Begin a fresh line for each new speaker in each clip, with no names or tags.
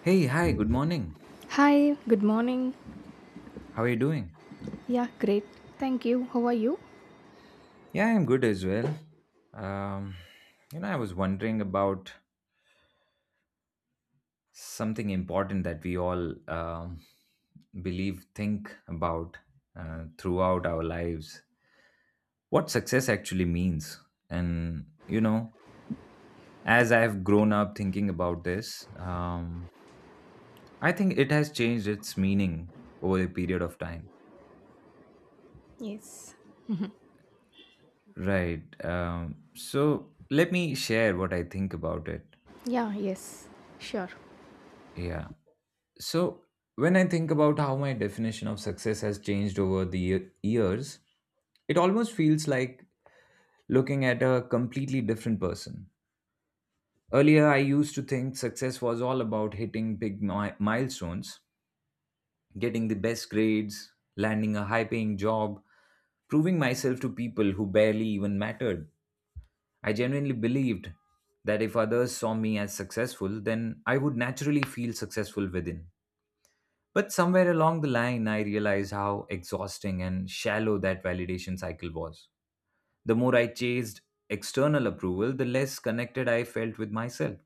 Hey, hi, good morning.
Hi, good morning.
How are you doing?
Yeah, great. Thank you. How are you?
Yeah, I'm good as well. Um, you know, I was wondering about something important that we all believe, think about throughout our lives. What success actually means. And, you know, as I've grown up thinking about this, I think it has changed its meaning over a period of time.
Yes.
Right. So let me share what I think about it.
Yeah, yes. Sure.
Yeah. So, when I think about how my definition of success has changed over the years, it almost feels like looking at a completely different person. Earlier, I used to think success was all about hitting big milestones, getting the best grades, landing a high paying job, proving myself to people who barely even mattered. I genuinely believed that if others saw me as successful, then I would naturally feel successful within. But somewhere along the line, I realized how exhausting and shallow that validation cycle was. The more I chased external approval, the less connected I felt with myself.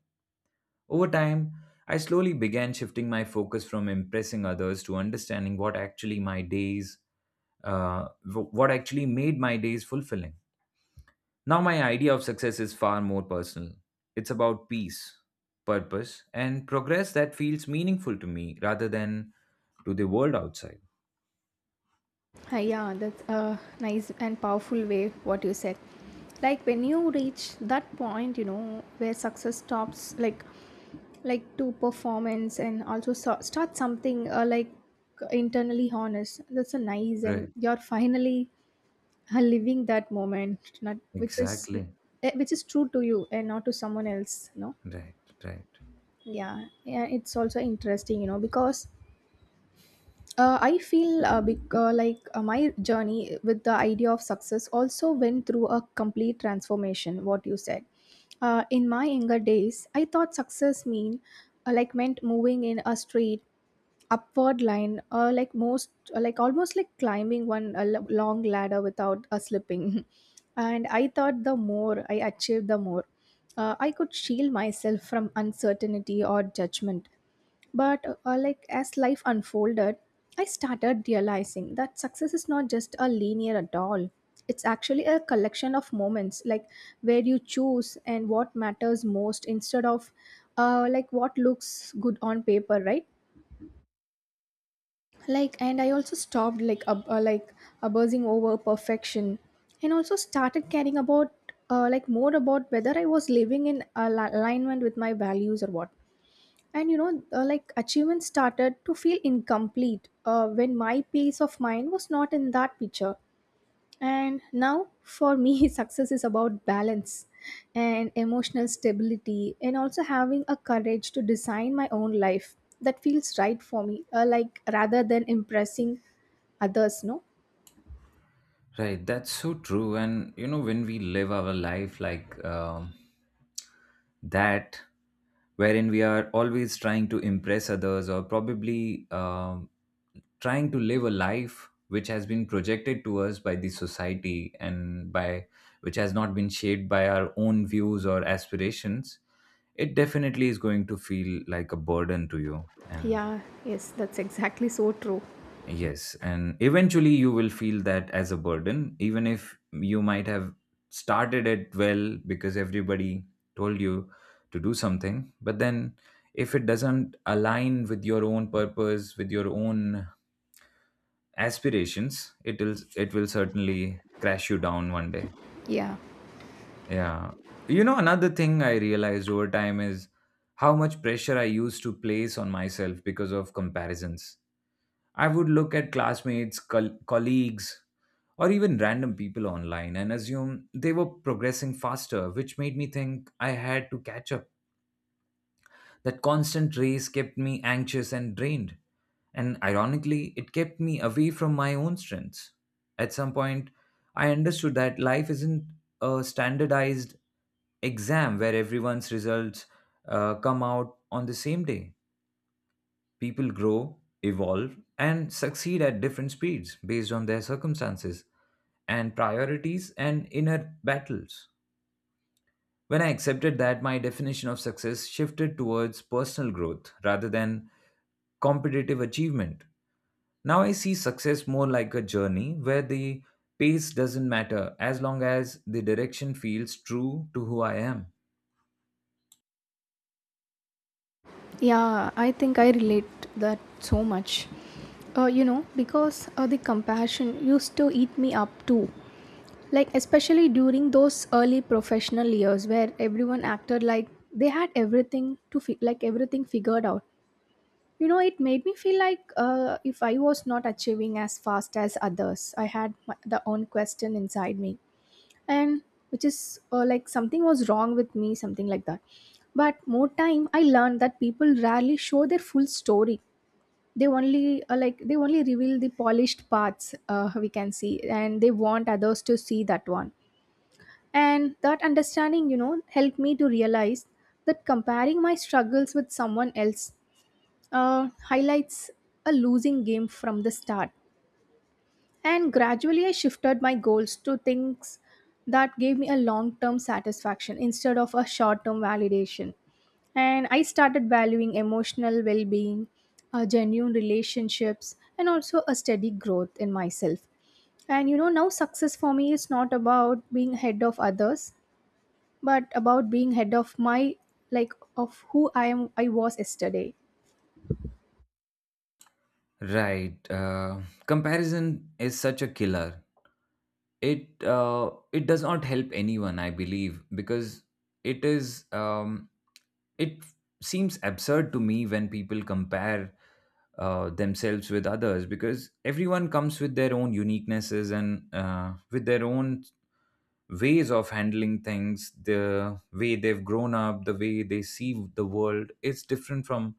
Over time, I slowly began shifting my focus from impressing others to understanding what actually my days, what actually made my days fulfilling. Now, my idea of success is far more personal. It's about peace, purpose, and progress that feels meaningful to me rather than to the world outside.
Hi, yeah, that's a nice and powerful way what you said. Like when you reach that point, you know, where success stops like to performance and also start something like internally honest. That's a nice and
Right.
you're finally living that moment, not which is
Exactly.
which is true to you and not to someone else, no?
Right, right,
Yeah, yeah, it's also interesting, because I feel my journey with the idea of success also went through a complete transformation what you said. In my younger days, I thought success meant moving in a straight upward line, like most like almost like climbing long ladder without a slipping. And I thought the more I achieved, the more I could shield myself from uncertainty or judgment. But as life unfolded, I started realizing that success is not just a linear at all. It's actually a collection of moments, like where you choose and what matters most instead of what looks good on paper, right? Like, and I also stopped abusing over perfection, and also started caring about more about whether I was living in alignment with my values or what. And achievements started to feel incomplete when my peace of mind was not in that picture. And now for me, success is about balance and emotional stability and also having a courage to design my own life that feels right for me, rather than impressing others, no.
right. That's so true. And you know, when we live our life like that, wherein we are always trying to impress others or probably trying to live a life which has been projected to us by the society and by which has not been shaped by our own views or aspirations, it definitely is going to feel like a burden to you. And
Yeah, yes, that's exactly so true.
yes, and eventually you will feel that as a burden, even if you might have started it well because everybody told you to do something. But then, if it doesn't align with your own purpose, with your own aspirations, it will certainly crash you down one day.
Yeah.
Yeah, you know another thing I realized over time is how much pressure I used to place on myself because of comparisons. I would look at classmates, colleagues, or even random people online and assume they were progressing faster, which made me think I had to catch up. That constant race kept me anxious and drained, and ironically, it kept me away from my own strengths. At some point, I understood that life isn't a standardized exam where everyone's results come out on the same day. People grow, evolve, and succeed at different speeds based on their circumstances and priorities and inner battles. When I accepted that, my definition of success shifted towards personal growth rather than competitive achievement. Now I see success more like a journey where the pace doesn't matter as long as the direction feels true to who I am.
Yeah, I think I relate that so much. Because the compassion used to eat me up too. Like, especially during those early professional years where everyone acted like they had everything like everything figured out. You know, it made me feel like if I was not achieving as fast as others, I had the own question inside me, and which is something was wrong with me, something like that. But more time, I learned that people rarely show their full story. They only reveal the polished parts, we can see, and they want others to see that one. And that understanding helped me to realize that comparing my struggles with someone else highlights a losing game from the start. And gradually, I shifted my goals to things that gave me a long term satisfaction instead of a short term validation. And I started valuing emotional well being, genuine relationships, and also a steady growth in myself. And now success for me is not about being head of others, but about being head of my like of who I was yesterday.
Right. Comparison is such a killer. It does not help anyone, I believe, because it is, it seems absurd to me when people compare themselves with others because everyone comes with their own uniquenesses and with their own ways of handling things, the way they've grown up, the way they see the world is different from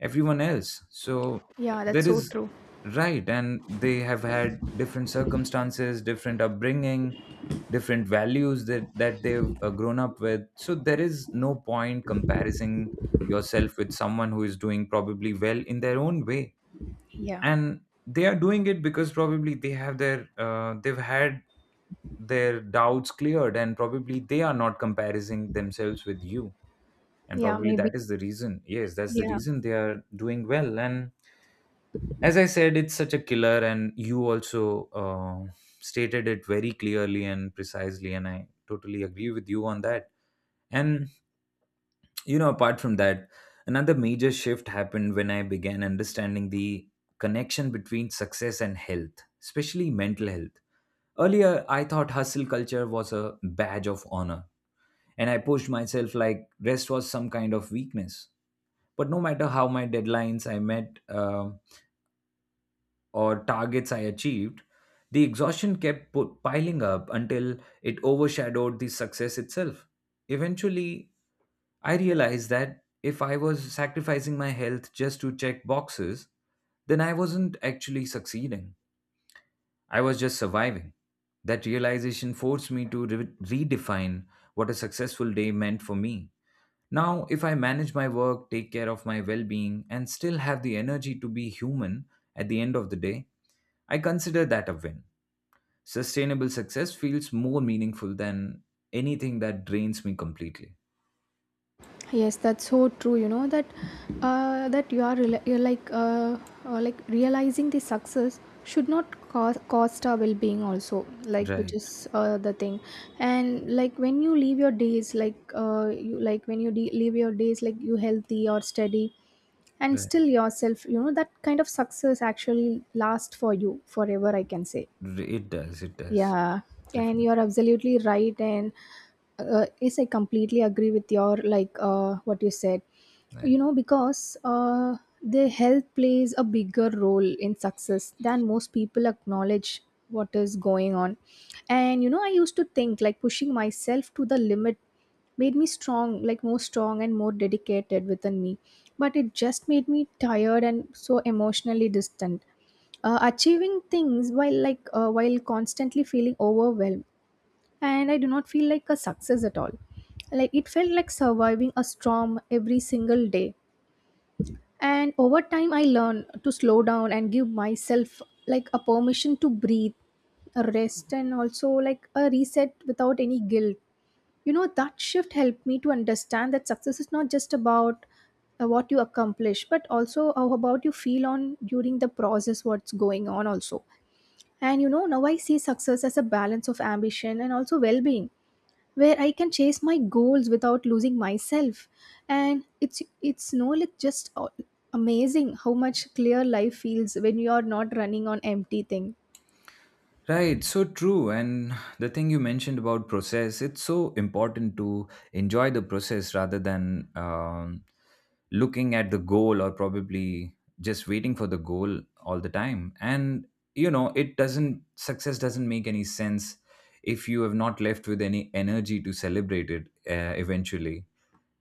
everyone else. So
Yeah, that's
there
so
is
true.
right, and they have had different circumstances, different upbringing, different values that they've grown up with. So there is no point comparing yourself with someone who is doing probably well in their own way,
Yeah.
and they are doing it because probably they have their they've had their doubts cleared and probably they are not comparing themselves with you and
Yeah,
probably
maybe.
that is the reason, yes, that's the
Yeah.
reason they are doing well. And as I said, it's such a killer. And you also stated it very clearly and precisely, and I totally agree with you on that. And you know, apart from that, another major shift happened when I began understanding the connection between success and health, especially mental health. Earlier, I thought hustle culture was a badge of honor and I pushed myself like rest was some kind of weakness. But no matter how my deadlines I met, or targets I achieved, the exhaustion kept piling up until it overshadowed the success itself. Eventually, I realized that if I was sacrificing my health just to check boxes, then I wasn't actually succeeding. I was just surviving. That realization forced me to redefine what a successful day meant for me. Now, if I manage my work, take care of my well being, and still have the energy to be human at the end of the day, I consider that a win. Sustainable success feels more meaningful than anything that drains me completely.
Yes, that's so true. You know, that you're realizing the success should not cost our well-being also, like, which is
Right,
the thing. And like when you leave your days like you like when you leave your days like you healthy or steady, and
right.
still yourself, that kind of success actually lasts for you forever, I can say.
R- It does, it does.
Yeah, and
Definitely.
you're absolutely right. And yes, I completely agree with your like what you said. You
Right.
know, because the health plays a bigger role in success than most people acknowledge what is going on. And I used to think like pushing myself to the limit made me strong, like more strong and more dedicated within me. But it just made me tired and so emotionally distant, achieving things while constantly feeling overwhelmed, and I do not feel like a success at all, like it felt like surviving a storm every single day. And over time, I learned to slow down and give myself like a permission to breathe, a rest, and also like a reset without any guilt. You know, that shift helped me to understand that success is not just about what you accomplish, but also how about you feel on during the process, what's going on also. And now I see success as a balance of ambition and also well being, where I can chase my goals without losing myself. And it's no, like, just amazing how much clear life feels when you are not running on empty thing.
Right, so true. And the thing you mentioned about process, it's so important to enjoy the process rather than looking at the goal or probably just waiting for the goal all the time. And you know, it doesn't, success doesn't make any sense if you have not left with any energy to celebrate it, eventually.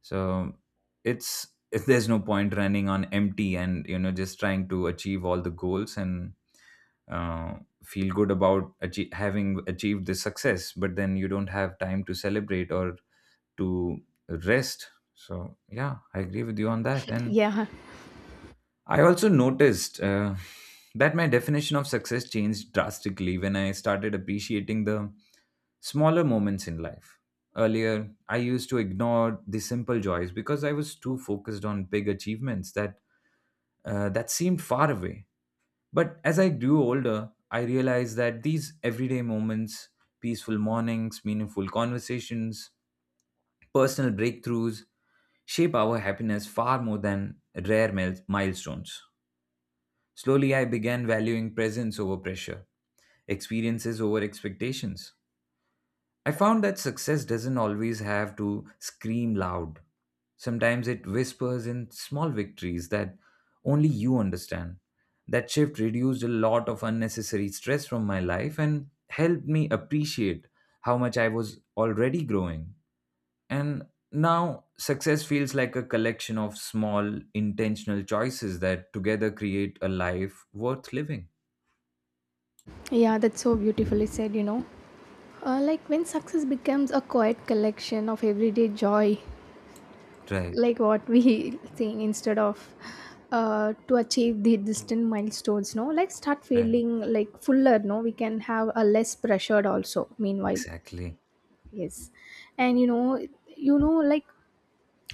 So it's, if there's no point running on empty and you know just trying to achieve all the goals and uh, feel good about having achieved the success but then you don't have time to celebrate or to rest. So yeah, I agree with you on that. And
Yeah,
I also noticed that my definition of success changed drastically when I started appreciating the smaller moments in life. Earlier, I used to ignore the simple joys because I was too focused on big achievements that that seemed far away. But as I grew older, I realized that these everyday moments, peaceful mornings, meaningful conversations, personal breakthroughs, shape our happiness far more than rare milestones. Slowly, I began valuing presence over pressure, experiences over expectations. I found that success doesn't always have to scream loud. Sometimes it whispers in small victories that only you understand. That shift reduced a lot of unnecessary stress from my life and helped me appreciate how much I was already growing. And now, success feels like a collection of small, intentional choices that together create a life worth living.
yeah, that's so beautifully said, you know. When success becomes a quiet collection of everyday joy,
Right,
like what we saying, instead of to achieve the distant milestones, no, like start
right,
feeling like fuller, no, we can have a less pressured also meanwhile.
exactly.
Yes, and you know like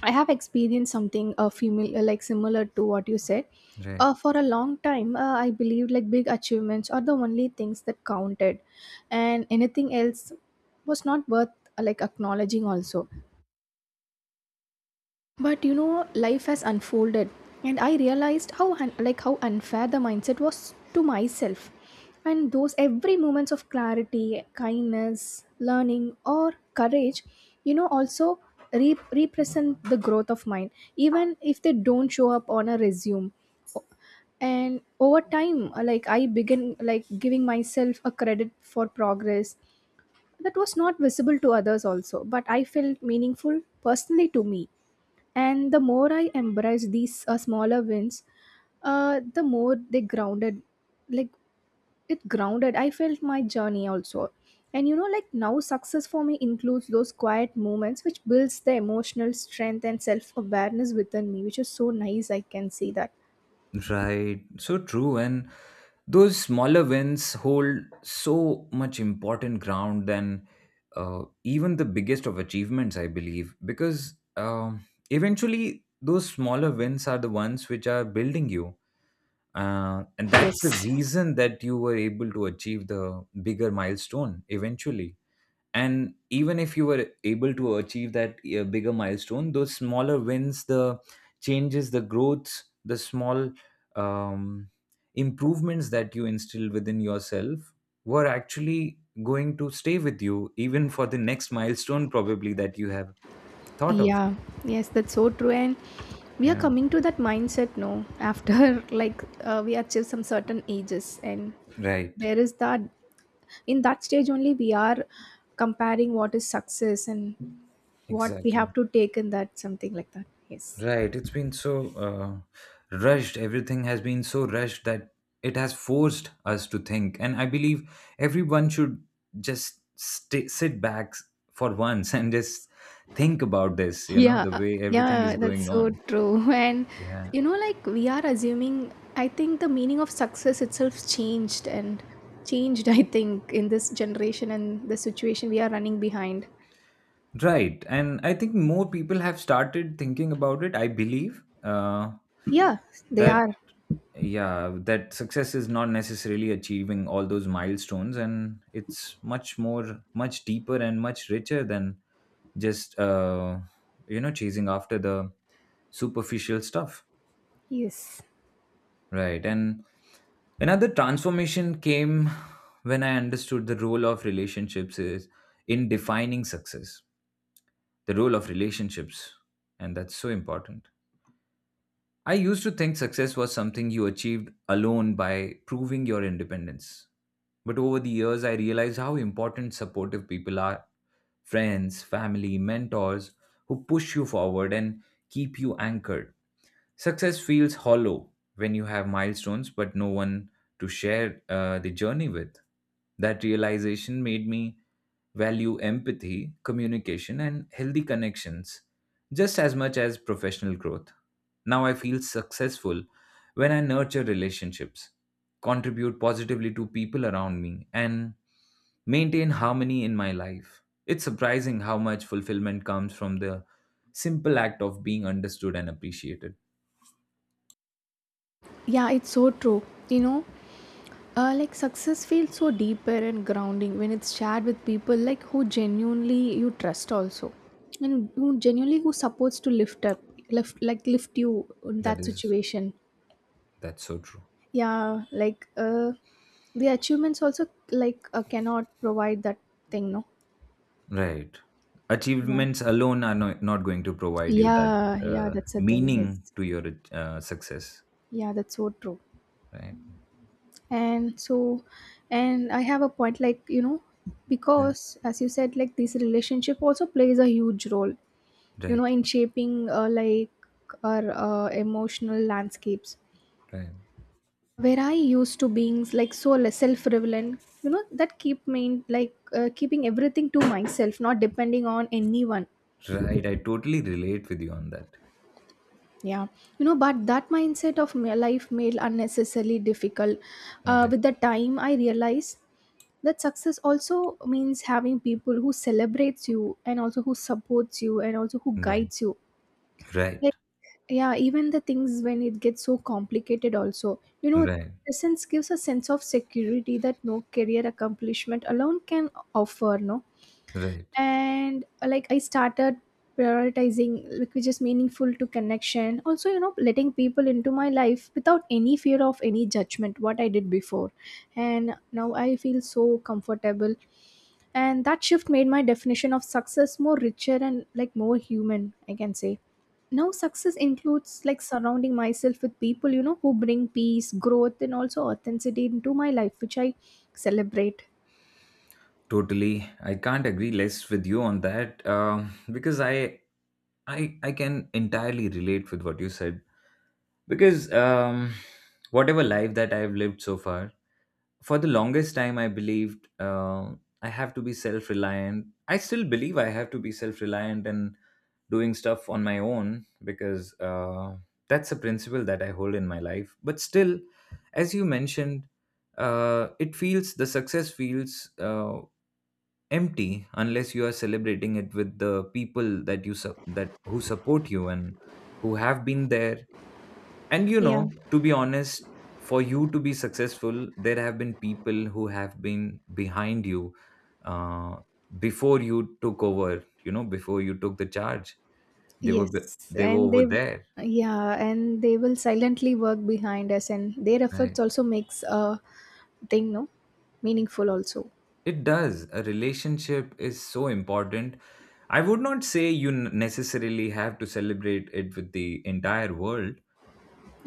I have experienced something female similar to what you said.
Right,
For a long time, I believed like big achievements are the only things that counted, and anything else was not worth acknowledging also. But life has unfolded, and I realized how un- like how unfair the mindset was to myself. And those every moments of clarity, kindness, learning, or courage, also represent the growth of mind, even if they don't show up on a resume. And over time, I begin like giving myself a credit for progress that was not visible to others also, but I felt meaningful personally to me. And the more I embrace these smaller wins, the more they grounded, like it grounded, I felt my journey also. And now success for me includes those quiet moments which builds the emotional strength and self-awareness within me, which is so nice, I can see that.
right. So true. And those smaller wins hold so much important ground than even the biggest of achievements, I believe, because eventually those smaller wins are the ones which are building you. And that's the
Yes.
reason that you were able to achieve the bigger milestone eventually. And even if you were able to achieve that bigger milestone, those smaller wins, the changes, the growths, the small um, improvements that you instill within yourself were actually going to stay with you even for the next milestone probably that you have thought of.
Yeah. Yes, that's so true. And we are
Yeah,
coming to that mindset now. After like we achieve some certain ages, and
right,
there is that, in that stage only we are comparing what is success and what we
exactly.
have to take in that, something like that, yes.
Right, it's been so rushed. Everything has been so rushed that it has forced us to think. And I believe everyone should just stay, sit back for once and just think about this, you know,
Yeah,
the way everything is
yeah, that's
going
so
on.
true. And
Yeah.
like we are assuming, I think the meaning of success itself changed and changed, I think, in this generation and the situation we are running behind.
Right. And I think more people have started thinking about it. I believe
Yeah, they
that,
are.
yeah, that success is not necessarily achieving all those milestones and it's much more, much deeper and much richer than just you know chasing after the superficial stuff.
Yes.
Right. And another transformation came when I understood the role of relationships is in defining success, the role of relationships. And that's so important. I used to think success was something you achieved alone by proving your independence. But over the years, I realized how important supportive people are, friends, family, mentors, who push you forward and keep you anchored. Success feels hollow when you have milestones but no one to share the journey with. That realization made me value empathy, communication, and healthy connections just as much as professional growth. Now I feel successful when I nurture relationships, contribute positively to people around me, and maintain harmony in my life. It's surprising how much fulfillment comes from the simple act of being understood and appreciated.
Yeah, it's so true. You know, success feels so deeper and grounding when it's shared with people, like, who genuinely you trust also, and who supports to lift up, lift you in
That
that
is,
situation.
that's so true.
Yeah, like the achievements also, like, cannot provide that thing, no.
Right.
Yeah,
Achievements alone are no, not going to provide you that
yeah, yeah. That's the thing.
meaning
Yes,
to your success.
yeah, that's so true.
Right.
And so, and I have a point, like,
Right.
because as you said, like, this relationship also plays a huge role,
Right.
in shaping, our emotional landscapes,
Right.
where I used to being like so self relevant, that keep me like keeping everything to myself, not depending on anyone.
Right. I totally relate with you on that.
Yeah. But that mindset of my life made unnecessarily difficult.
Right. Right.
With the time, I realized that success also means having people who celebrates you, and also who supports you, and also who
Right.
guides you.
Right.
Yeah, even the things when it gets so complicated also, you know,
Right.
presence gives a sense of security that no career accomplishment alone can offer, no.
Right.
And I started prioritizing like which is meaningful to connection also, letting people into my life without any fear of any judgment, what I did before. And now I feel so comfortable, and that shift made my definition of success more richer and like more human, I can say. Now success includes like surrounding myself with people, you know, who bring peace, growth, and also authenticity into my life, which I celebrate.
Totally. I can't agree less with you on that because I can entirely relate with what you said because whatever life that I've lived so far. For the longest time I believed I have to be self-reliant. I still believe I have to be self-reliant and doing stuff on my own because that's a principle that I hold in my life. But still, as you mentioned, it feels the success feels empty unless you are celebrating it with the people that that who support you and who have been there. And
Yeah.
to be honest, for you to be successful, there have been people who have been behind you uh, before you took over. You know, before you took the charge, they were
Yes,
they were
and
over
they,
there.
yeah, and they will silently work behind us, and their efforts
Right.
also makes a thing, no, meaningful also.
It does. A relationship is so important. I would not say you necessarily have to celebrate it with the entire world,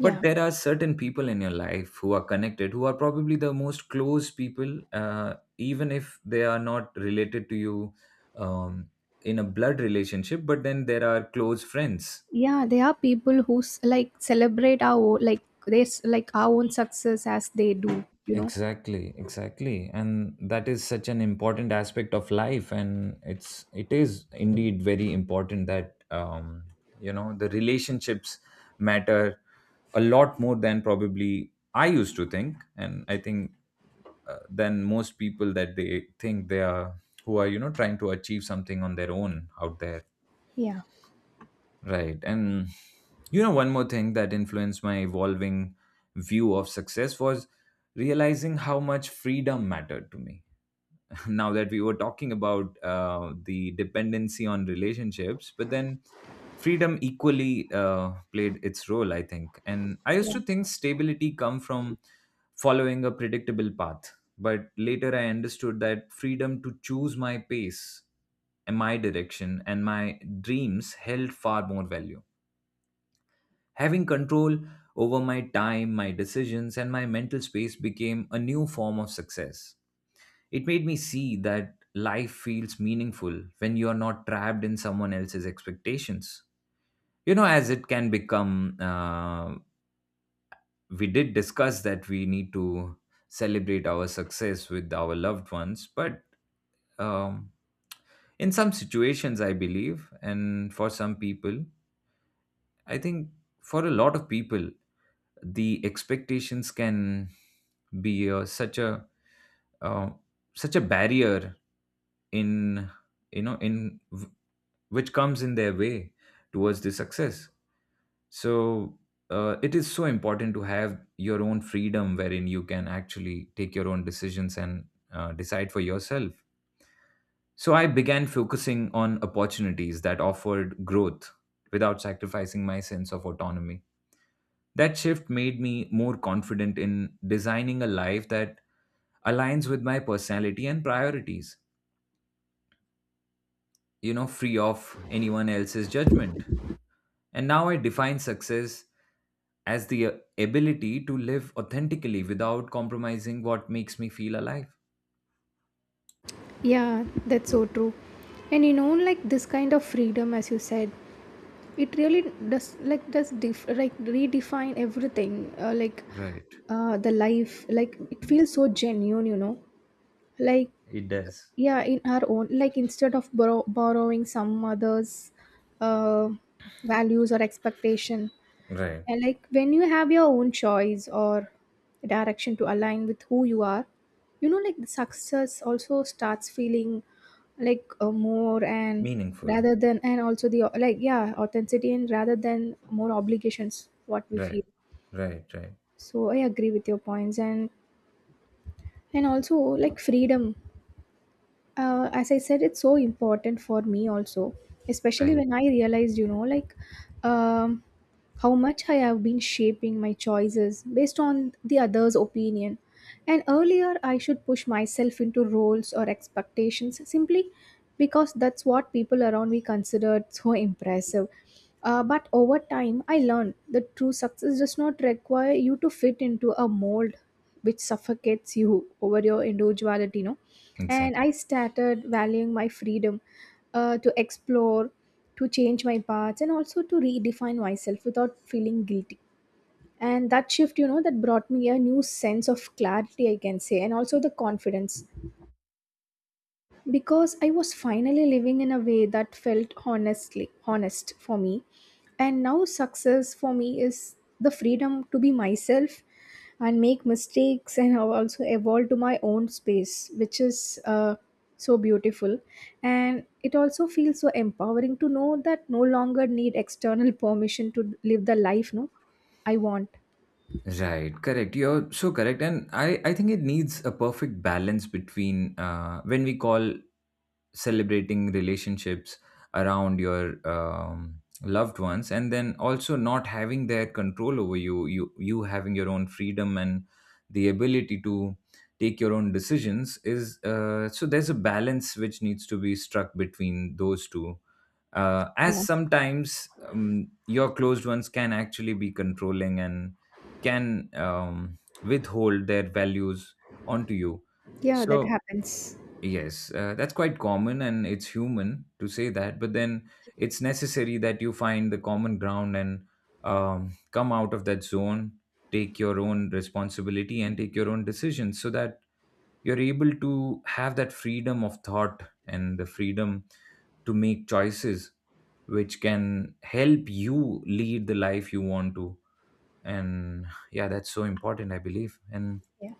but there are certain people in your life who are connected, who are probably the most close people, even if they are not related to you, um, in a blood relationship, but then there are close friends.
yeah, they are people who celebrate our o- like this like our own success as they do. You know.
Exactly, exactly. And that is such an important aspect of life, and it is indeed very important that you know the relationships matter a lot more than probably I used to think. And I think, than most people that they think they are, who are, you know, trying to achieve something on their own out there.
Yeah.
Right. And you know, one more thing that influenced my evolving view of success was realizing how much freedom mattered to me. Now that we were talking about the dependency on relationships, but then freedom equally played its role, I think. And I
Yeah.
used to think stability come from following a predictable path, but later I understood that freedom to choose my pace and my direction and my dreams held far more value. Having control over my time, my decisions, and my mental space became a new form of success. It made me see that life feels meaningful when you are not trapped in someone else's expectations. You know, as it can become, we did discuss that we need to celebrate our success with our loved ones, but, um, in some situations, I believe, and for some people, I think, for a lot of people, the expectations can be, such a, uh, such a barrier in, you know in w- which comes in their way towards the success. So, it is so important to have your own freedom wherein you can actually take your own decisions and, decide for yourself. So I began focusing on opportunities that offered growth without sacrificing my sense of autonomy. That shift made me more confident in designing a life that aligns with my personality and priorities, you know, free of anyone else's judgment. And now I define success as the, ability to live authentically without compromising what makes me feel alive.
Yeah, that's so true. And this kind of freedom, as you said, it really does redefine everything.
Right.
The life, like, it feels so genuine. Like
It does.
yeah, in our own, instead of borrowing some others uh, values or expectation.
Right.
And like when you have your own choice or direction to align with who you are, you know, like the success also starts feeling like more, and
Meaningful.
rather than, and also the, like, yeah, authenticity, and rather than more obligations what we feel.
Right. Right. Right.
So I agree with your points. And also like freedom, as I said, it's so important for me also, especially
Right.
when I realized, you know, like um, how much I have been shaping my choices based on the other's opinion. And earlier, I should push myself into roles or expectations simply because that's what people around me considered so impressive. But over time, I learned that true success does not require you to fit into a mold which suffocates you over your individuality, no? And
Exactly.
I started valuing my freedom, to explore, to change my paths, and also to redefine myself without feeling guilty. And that shift, you know, that brought me a new sense of clarity, I can say, and also the confidence, because I was finally living in a way that felt honestly honest for me. And now success for me is the freedom to be myself and make mistakes and I also evolve to my own space, which is so beautiful. And it also feels so empowering to know that no longer need external permission to live the life, no, I want.
Right, correct. You're so correct, and I think it needs a perfect balance between, when we call celebrating relationships around your, loved ones, and then also not having their control over you having your own freedom and the ability to take your own decisions. Is, so there's a balance which needs to be struck between those two, as
Yeah.
sometimes, your closed ones can actually be controlling and can, withhold their values onto you.
Yeah, that
So,
happens.
yes, that's quite common and it's human to say that, but then it's necessary that you find the common ground and, come out of that zone, take your own responsibility and take your own decisions so that you're able to have that freedom of thought and the freedom to make choices which can help you lead the life you want to. And yeah, that's so important, I believe. And
Yeah.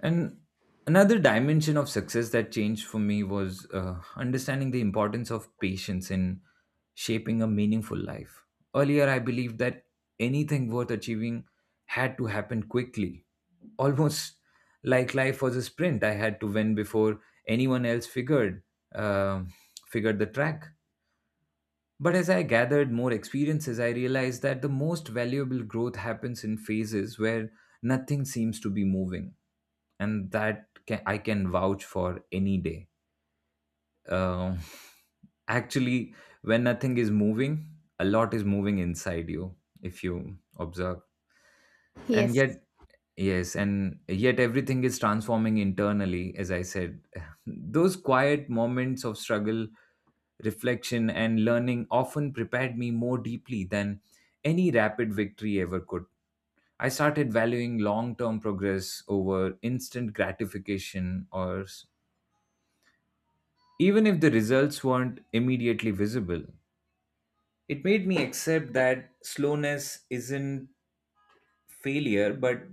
and another dimension of success that changed for me was, understanding the importance of patience in shaping a meaningful life. Earlier, I believed that anything worth achieving had to happen quickly, almost like life was a sprint. I had to win before anyone else figured, uh, figured the track. But as I gathered more experiences, I realized that the most valuable growth happens in phases where nothing seems to be moving. And that can, I can vouch for any day. Uh, actually, when nothing is moving, a lot is moving inside you, if you observe. And
Yes.
yet, yes, and yet everything is transforming internally, as I said. Those quiet moments of struggle, reflection, and learning often prepared me more deeply than any rapid victory ever could. I started valuing long term progress over instant gratification, even if the results weren't immediately visible. It made me accept that slowness isn't failure, but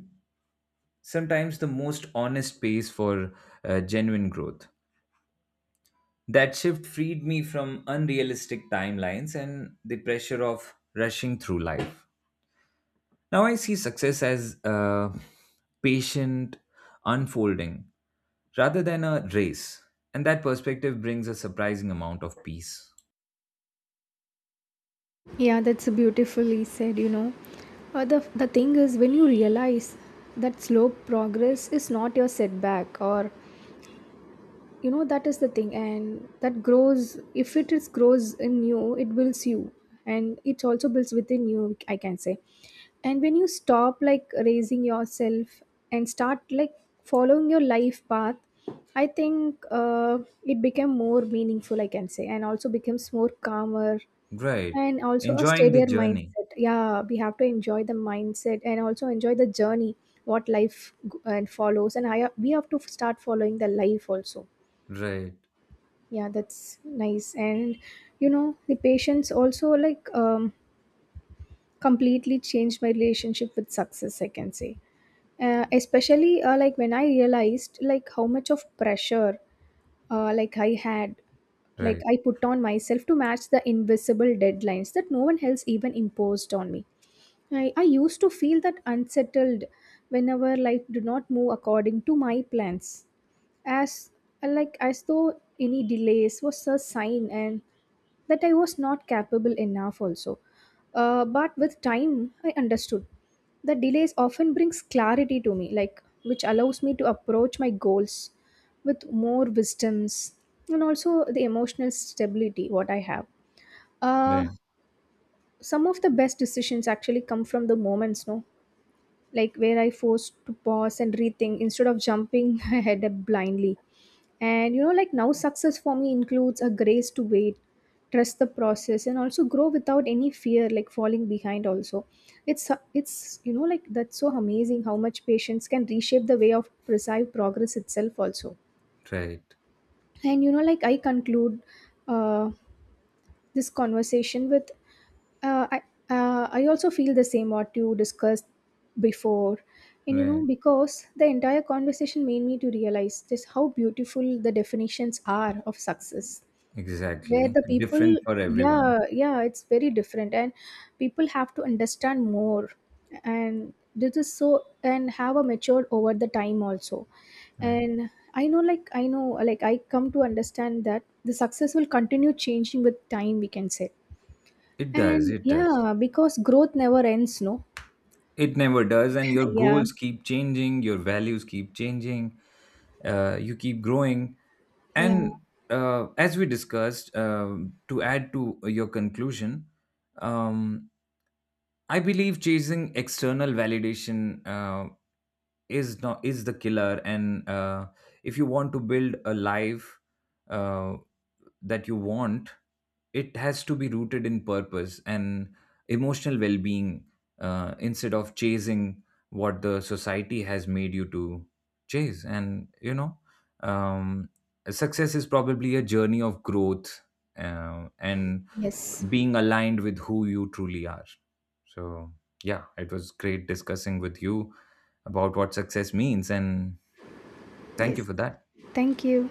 sometimes the most honest pace for, genuine growth. That shift freed me from unrealistic timelines and the pressure of rushing through life. Now I see success as, patient unfolding rather than a race. And that perspective brings a surprising amount of peace.
Yeah, that's beautifully said, you know. The thing is, when you realize that slow progress is not your setback, or, you know, that is the thing, and that grows, if it is grows in you, it builds you, and it also builds within you, I can say. And when you stop like raising yourself and start like following your life path, I think it became more meaningful, I can say, and also becomes more calmer
Right.
and also a
Enjoying the
steadier mindset.
journey.
Yeah, we have to enjoy the mindset and also enjoy the journey, and follows. And I we have to start following the life also.
Right.
Yeah, that's nice. And you know, the patience also like completely changed my relationship with success, I can say. Especially like when I realized like how much of pressure like I had. Like
Right.
I put on myself to match the invisible deadlines that no one else even imposed on me. I used to feel that unsettled whenever life do not move according to my plans. As like as though any delays was a sign and that I was not capable enough also. But with time I understood that delays often brings clarity to me, like which allows me to approach my goals with more wisdoms and also the emotional stability what I have. Uh,
Right.
some of the best decisions actually come from the moments, no? Like where I forced to pause and rethink instead of jumping ahead blindly. And you know, like now, success for me includes a grace to wait, trust the process, and also grow without any fear, like falling behind. Also, it's you know, like, that's so amazing how much patience can reshape the way of perceived progress itself. Also,
Right.
and you know, like I conclude, uh, this conversation with uh, I I also feel the same what you discussed before. And you know,
Right.
because the entire conversation made me to realize just how beautiful the definitions are of success, where
Exactly.
the people,
Different for everyone.
yeah, yeah, it's very different, and people have to understand more, and this is so, and have a matured over the time also.
Right.
And I know like I know like I come to understand that the success will continue changing with time, we can say.
It does.
And
It does.
yeah, because growth never ends, no?
It never does, and your
Yeah,
goals keep changing, your values keep changing, you keep growing.
yeah,
And, as we discussed, um, to add to your conclusion, um, I believe chasing external validation, is not, is the killer. And, if you want to build a life, uh, that you want, it has to be rooted in purpose and emotional well-being, instead of chasing what the society has made you to chase. And you know, um, success is probably a journey of growth, and
yes,
being aligned with who you truly are. So yeah, it was great discussing with you about what success means. And thank
yes.
you for that.
Thank you.